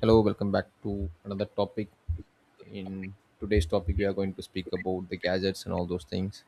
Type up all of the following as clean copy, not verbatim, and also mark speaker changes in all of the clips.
Speaker 1: Hello, welcome back to another topic. In today's topic, we are going to speak about the gadgets and all those things.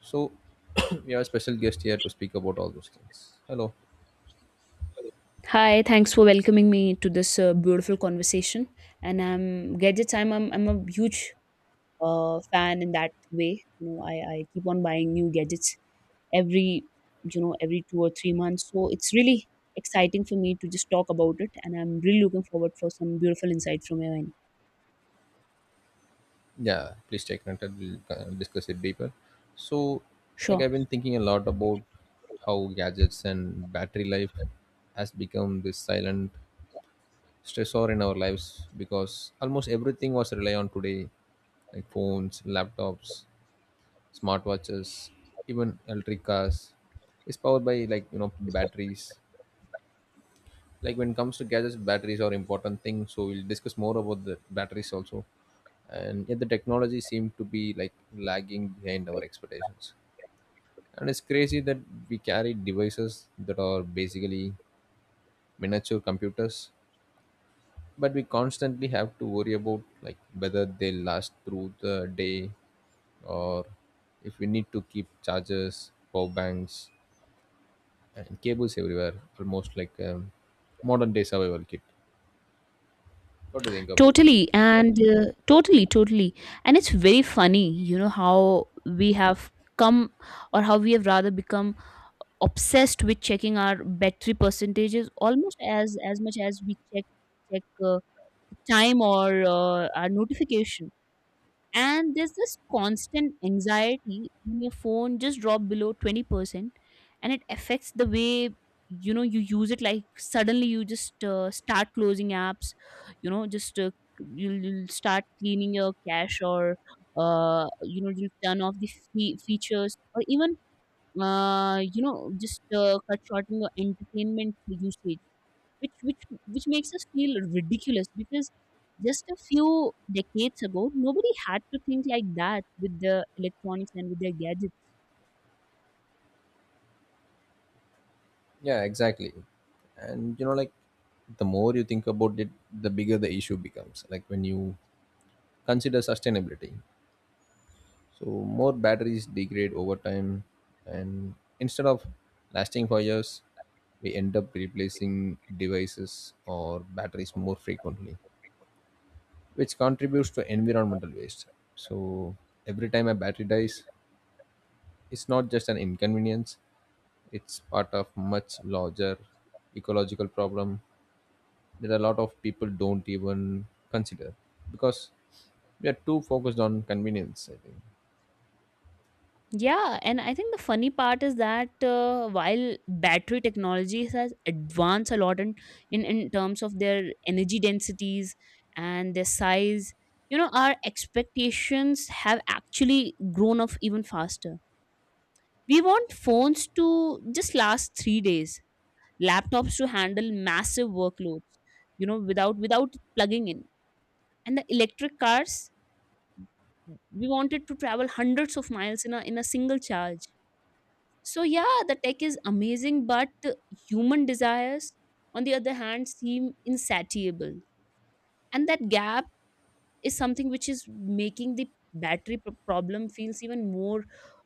Speaker 1: So, we have a special guest here to speak about all those things. Hello.
Speaker 2: Hi, thanks for welcoming me to this beautiful conversation. And I'm gadgets. I'm a huge fan in that way. You know, I keep on buying new gadgets every you know every 2 or 3 months. So it's really exciting for me to just talk about it, and I'm really looking forward for some beautiful insight from your end.
Speaker 1: Yeah, please stay connected. We'll discuss it deeper. So, like
Speaker 2: Sure,
Speaker 1: I've been thinking a lot about how gadgets and battery life has become this silent stressor in our lives because almost everything was rely on today, like phones, laptops, smartwatches, even electric cars is powered by like batteries. Like when it comes to gadgets, batteries are important thing. So we'll discuss more about the batteries also. And yet the technology seemed to be like lagging behind our expectations. And it's crazy that we carry devices that are basically miniature computers, but we constantly have to worry about like whether they last through the day or if we need to keep chargers, power banks, and cables everywhere, almost like a modern day survival kit. What do you think about it?
Speaker 2: totally, and totally, and it's very funny. You know how we have come, or how we have rather become obsessed with checking our battery percentages almost as much as we check uh, time or our notification. And there's this constant anxiety when your phone just drop below 20%, and it affects the way you use it. Like suddenly you just start closing apps, just you'll start cleaning your cache, or you'll turn off the features, or even just cut shorting your entertainment usage, which which which makes us feel ridiculous because just a few decades ago, nobody had to think like that with the electronics and with their gadgets.
Speaker 1: Yeah, exactly. And you know, like the more you think about it, the bigger the issue becomes. Like when you consider sustainability, so more batteries degrade over time, and instead of lasting for years, we end up replacing devices or batteries more frequently, which contributes to environmental waste. So every time a battery dies, it's not just an inconvenience, it's part of much larger ecological problem that a lot of people don't even consider because we are too focused on convenience, I think.
Speaker 2: Yeah, and I think the funny part is that while battery technology has advanced a lot in terms of their energy densities and their size. Our expectations have actually grown up even faster. We want phones to just last 3 days, laptops to handle massive workloads, without plugging in. And the electric cars, we want it to travel hundreds of miles in a single charge. So yeah, the tech is amazing, but human desires, on the other hand, seem insatiable. And that gap is something which is making the battery problem feels even more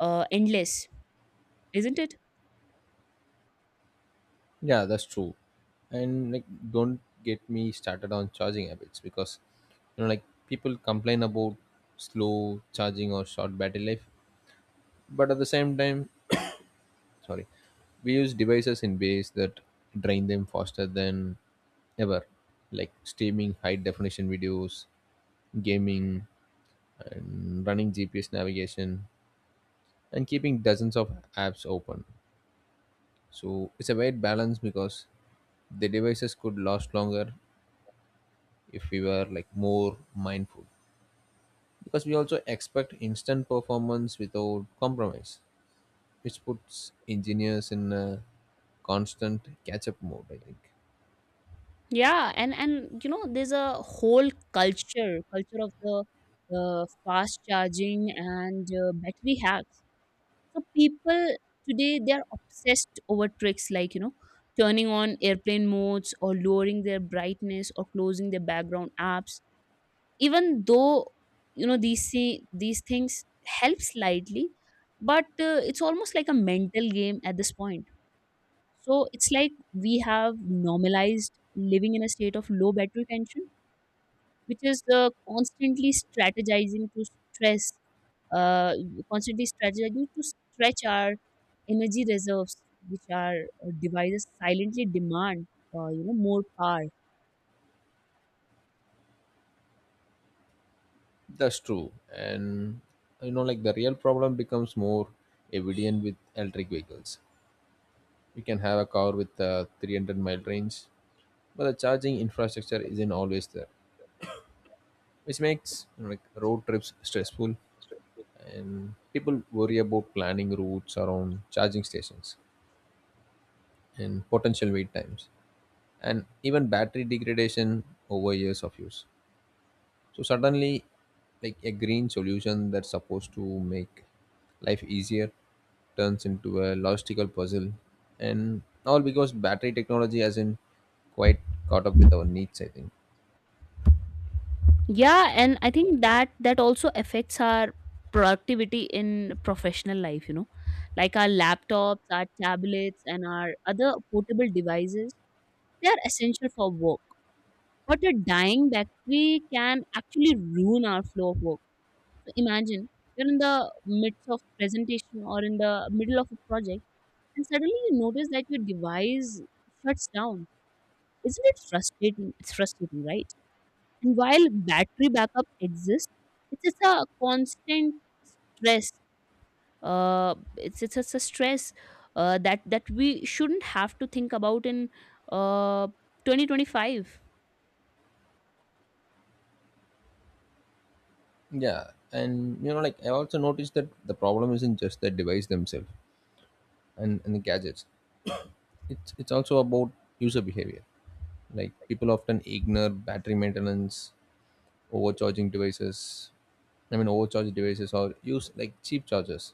Speaker 2: endless, isn't it?
Speaker 1: Yeah, that's true. And like, don't get me started on charging habits because you know, like people complain about slow charging or short battery life, but at the same time, sorry, we use devices in ways that drain them faster than ever, like streaming high definition videos, gaming, and running GPS navigation and keeping dozens of apps open. So it's a weird balance because the devices could last longer if we were like more mindful. Because we also expect instant performance without compromise, which puts engineers in a constant catch up mode, I think.
Speaker 2: Yeah, and there's a whole culture of the fast charging and battery hacks. So people today they are obsessed over tricks like turning on airplane modes or lowering their brightness or closing their background apps. Even though these these things help slightly, but it's almost like a mental game at this point. So it's like we have normalized living in a state of low battery tension, which is constantly strategizing to stress, uh, constantly strategizing to stretch our energy reserves, which our devices silently demand, more power.
Speaker 1: That's true. And you know, like the real problem becomes more evident with electric vehicles. You can have a car with a 300-mile range, but the charging infrastructure isn't always there, which makes you know, like road trips stressful and people worry about planning routes around charging stations and potential wait times and even battery degradation over years of use. So suddenly, like a green solution that's supposed to make life easier turns into a logistical puzzle, and all because battery technology hasn't quite caught up with our needs, I think.
Speaker 2: Yeah, and I think that also affects our productivity in professional life. Like our laptops, our tablets, and our other portable devices, they are essential for work, but a dying battery can actually ruin our flow of work. Imagine you're in the midst of presentation or in the middle of a project, and suddenly you notice that your device shuts down. Isn't it frustrating? It's frustrating, right? And while battery backup exists, it's just a constant stress. It's just a stress that we shouldn't have to think about in uh, 2025.
Speaker 1: Yeah, and you know, like I also noticed that the problem isn't just the device themselves and the gadgets. It's also about user behavior. Like people often ignore battery maintenance, overcharging devices. I mean, overcharge devices or use like cheap chargers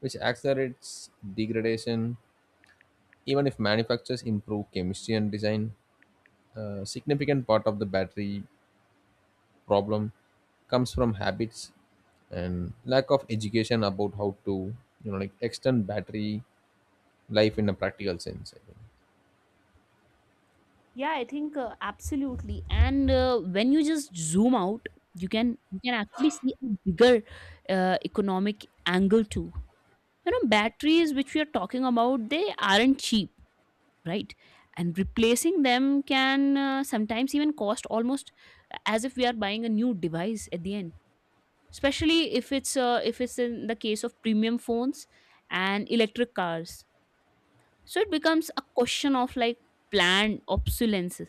Speaker 1: which accelerates degradation. Even if manufacturers improve chemistry and design, a significant part of the battery problem comes from habits and lack of education about how to you know like extend battery life in a practical sense, I think.
Speaker 2: Yeah, I think absolutely. And when you just zoom out, you can actually see a bigger economic angle too. Batteries which we are talking about, they aren't cheap, right? And replacing them can sometimes even cost almost as if we are buying a new device at the end. Especially if it's in the case of premium phones and electric cars. So it becomes a question of like planned obsolescence,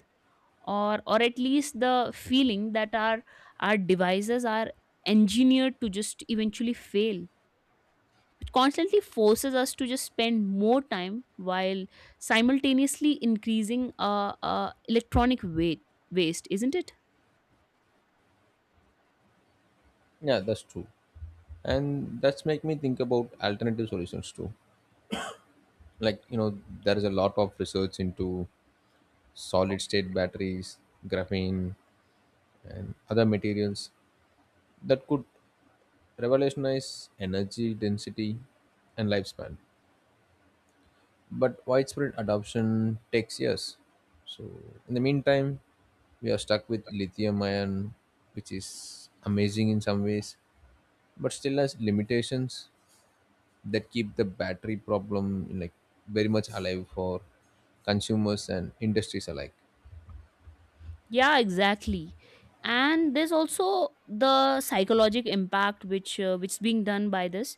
Speaker 2: or at least the feeling that our devices are engineered to just eventually fail, which constantly forces us to just spend more time while simultaneously increasing electronic weight waste, isn't it?
Speaker 1: Yeah, that's true, and that's make me think about alternative solutions too. Like you know, there is a lot of research into solid state batteries, graphene, and other materials that could revolutionize energy density and lifespan. But widespread adoption takes years. So, in the meantime, we are stuck with lithium ion, which is amazing in some ways, but still has limitations that keep the battery problem like very much alive for consumers and industries alike.
Speaker 2: Yeah, exactly. And there's also the psychological impact which is being done by this.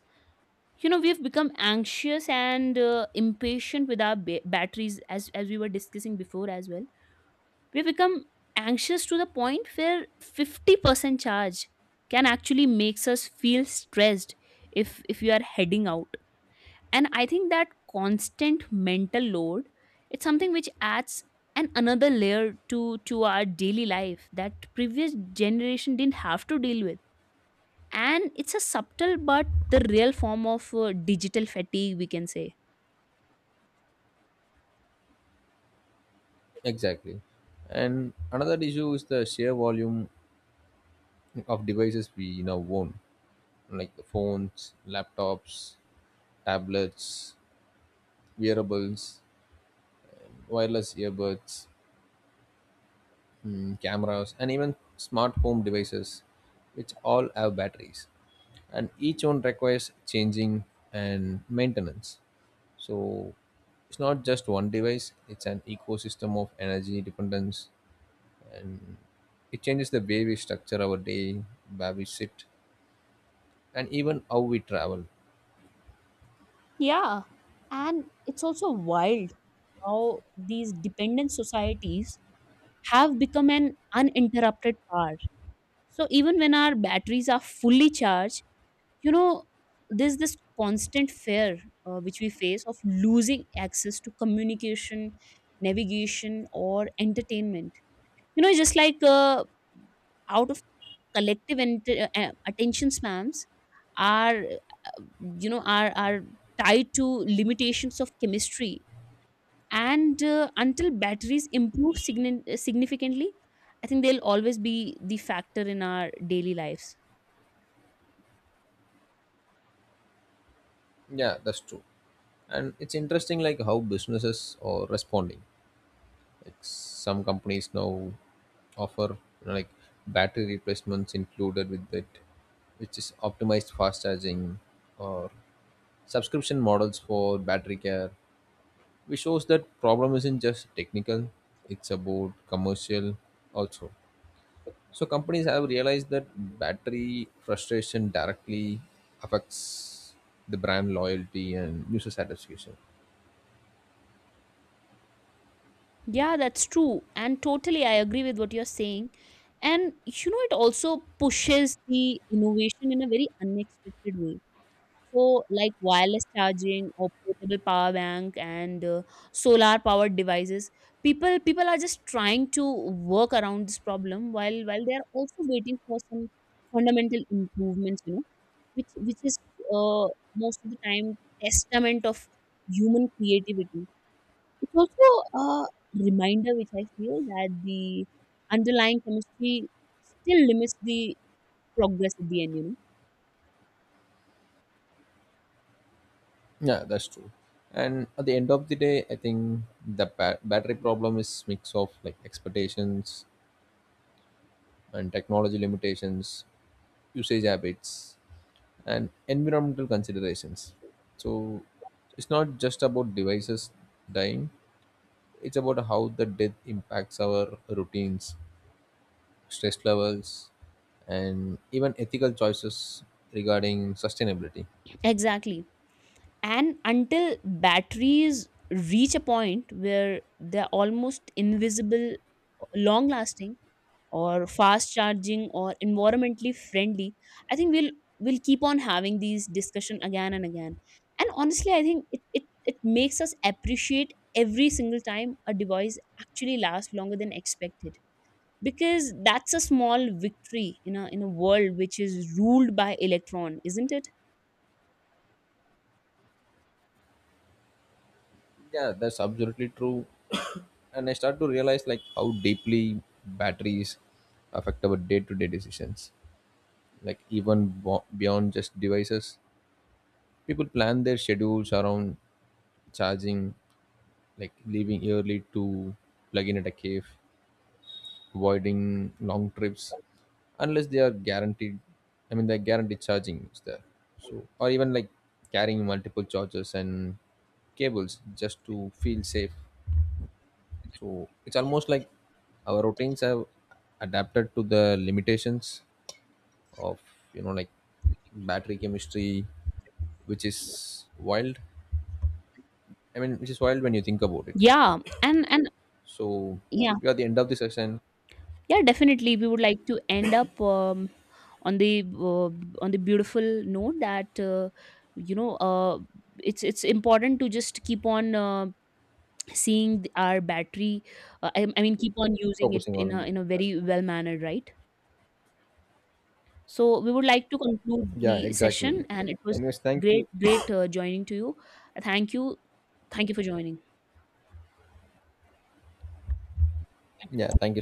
Speaker 2: We've become anxious and impatient with our batteries, as we were discussing before as well. We become anxious to the point where 50% charge can actually makes us feel stressed if you are heading out. And I think that constant mental load, it's something which adds an another layer to our daily life that previous generation didn't have to deal with. And it's a subtle but the real form of digital fatigue, we can say.
Speaker 1: Exactly. And another issue is the sheer volume of devices we now own, like phones, laptops, tablets, wearables, wireless earbuds, cameras, and even smart home devices, which all have batteries. And each one requires changing and maintenance. So it's not just one device, it's an ecosystem of energy dependence and it changes the way we structure our day, where we sit, and even how we travel.
Speaker 2: Yeah, and it's also wild how these dependent societies have become an uninterrupted power. So even when our batteries are fully charged, you know, there's this constant fear which we face of losing access to communication, navigation, or entertainment. Just like out of collective attention spans are, you know, are tied to limitations of chemistry. And until batteries improve significantly, I think they'll always be the factor in our daily lives.
Speaker 1: Yeah, that's true. And it's interesting like how businesses are responding, like some companies now offer you know, like battery replacements included with it, which is optimized fast charging or subscription models for battery care, which shows that problem isn't just technical, it's about commercial also. So companies have realized that battery frustration directly affects the brand loyalty and user satisfaction.
Speaker 2: Yeah, that's true, and totally I agree with what you're saying. And it also pushes the innovation in a very unexpected way. So like wireless charging or portable power bank and solar powered devices, people are just trying to work around this problem while they are also waiting for some fundamental improvements. Which is uh, most of the time testament of human creativity. It's also a reminder which I feel that the underlying chemistry still limits the progress at the end.
Speaker 1: Yeah, that's true. And at the end of the day, I think the battery problem is mix of like expectations and technology limitations, usage habits, and environmental considerations. So it's not just about devices dying; it's about how the death impacts our routines, stress levels, and even ethical choices regarding sustainability.
Speaker 2: Exactly. And until batteries reach a point where they're almost invisible, long lasting, or fast charging or environmentally friendly, I think we'll keep on having these discussion again and again. And honestly I think it makes us appreciate every single time a device actually lasts longer than expected, because that's a small victory in a world which is ruled by electron, isn't it?
Speaker 1: Yeah, that's absolutely true. And I start to realize like how deeply batteries affect our day-to-day decisions, like even beyond just devices people plan their schedules around charging, like leaving early to plug in at a cave, avoiding long trips unless they are guaranteed, I mean they're guaranteed charging is there, so or even like carrying multiple chargers and cables just to feel safe. So it's almost like our routines have adapted to the limitations of you know like battery chemistry, which is wild. I mean, which is wild when you think about it.
Speaker 2: Yeah, and
Speaker 1: So
Speaker 2: yeah.
Speaker 1: we are at the end of the session,
Speaker 2: Yeah, definitely. We would like to end up on the uh, on the beautiful note that you know uh, it's important to just keep on seeing our battery. I mean, keep on using it
Speaker 1: focusing
Speaker 2: in a
Speaker 1: on
Speaker 2: in a very well manner, right? So we would like to conclude
Speaker 1: yeah,
Speaker 2: the session,
Speaker 1: exactly.
Speaker 2: and it was
Speaker 1: Anyways, thank you.
Speaker 2: great joining to you. Thank you, thank you for joining.
Speaker 1: Yeah, thank you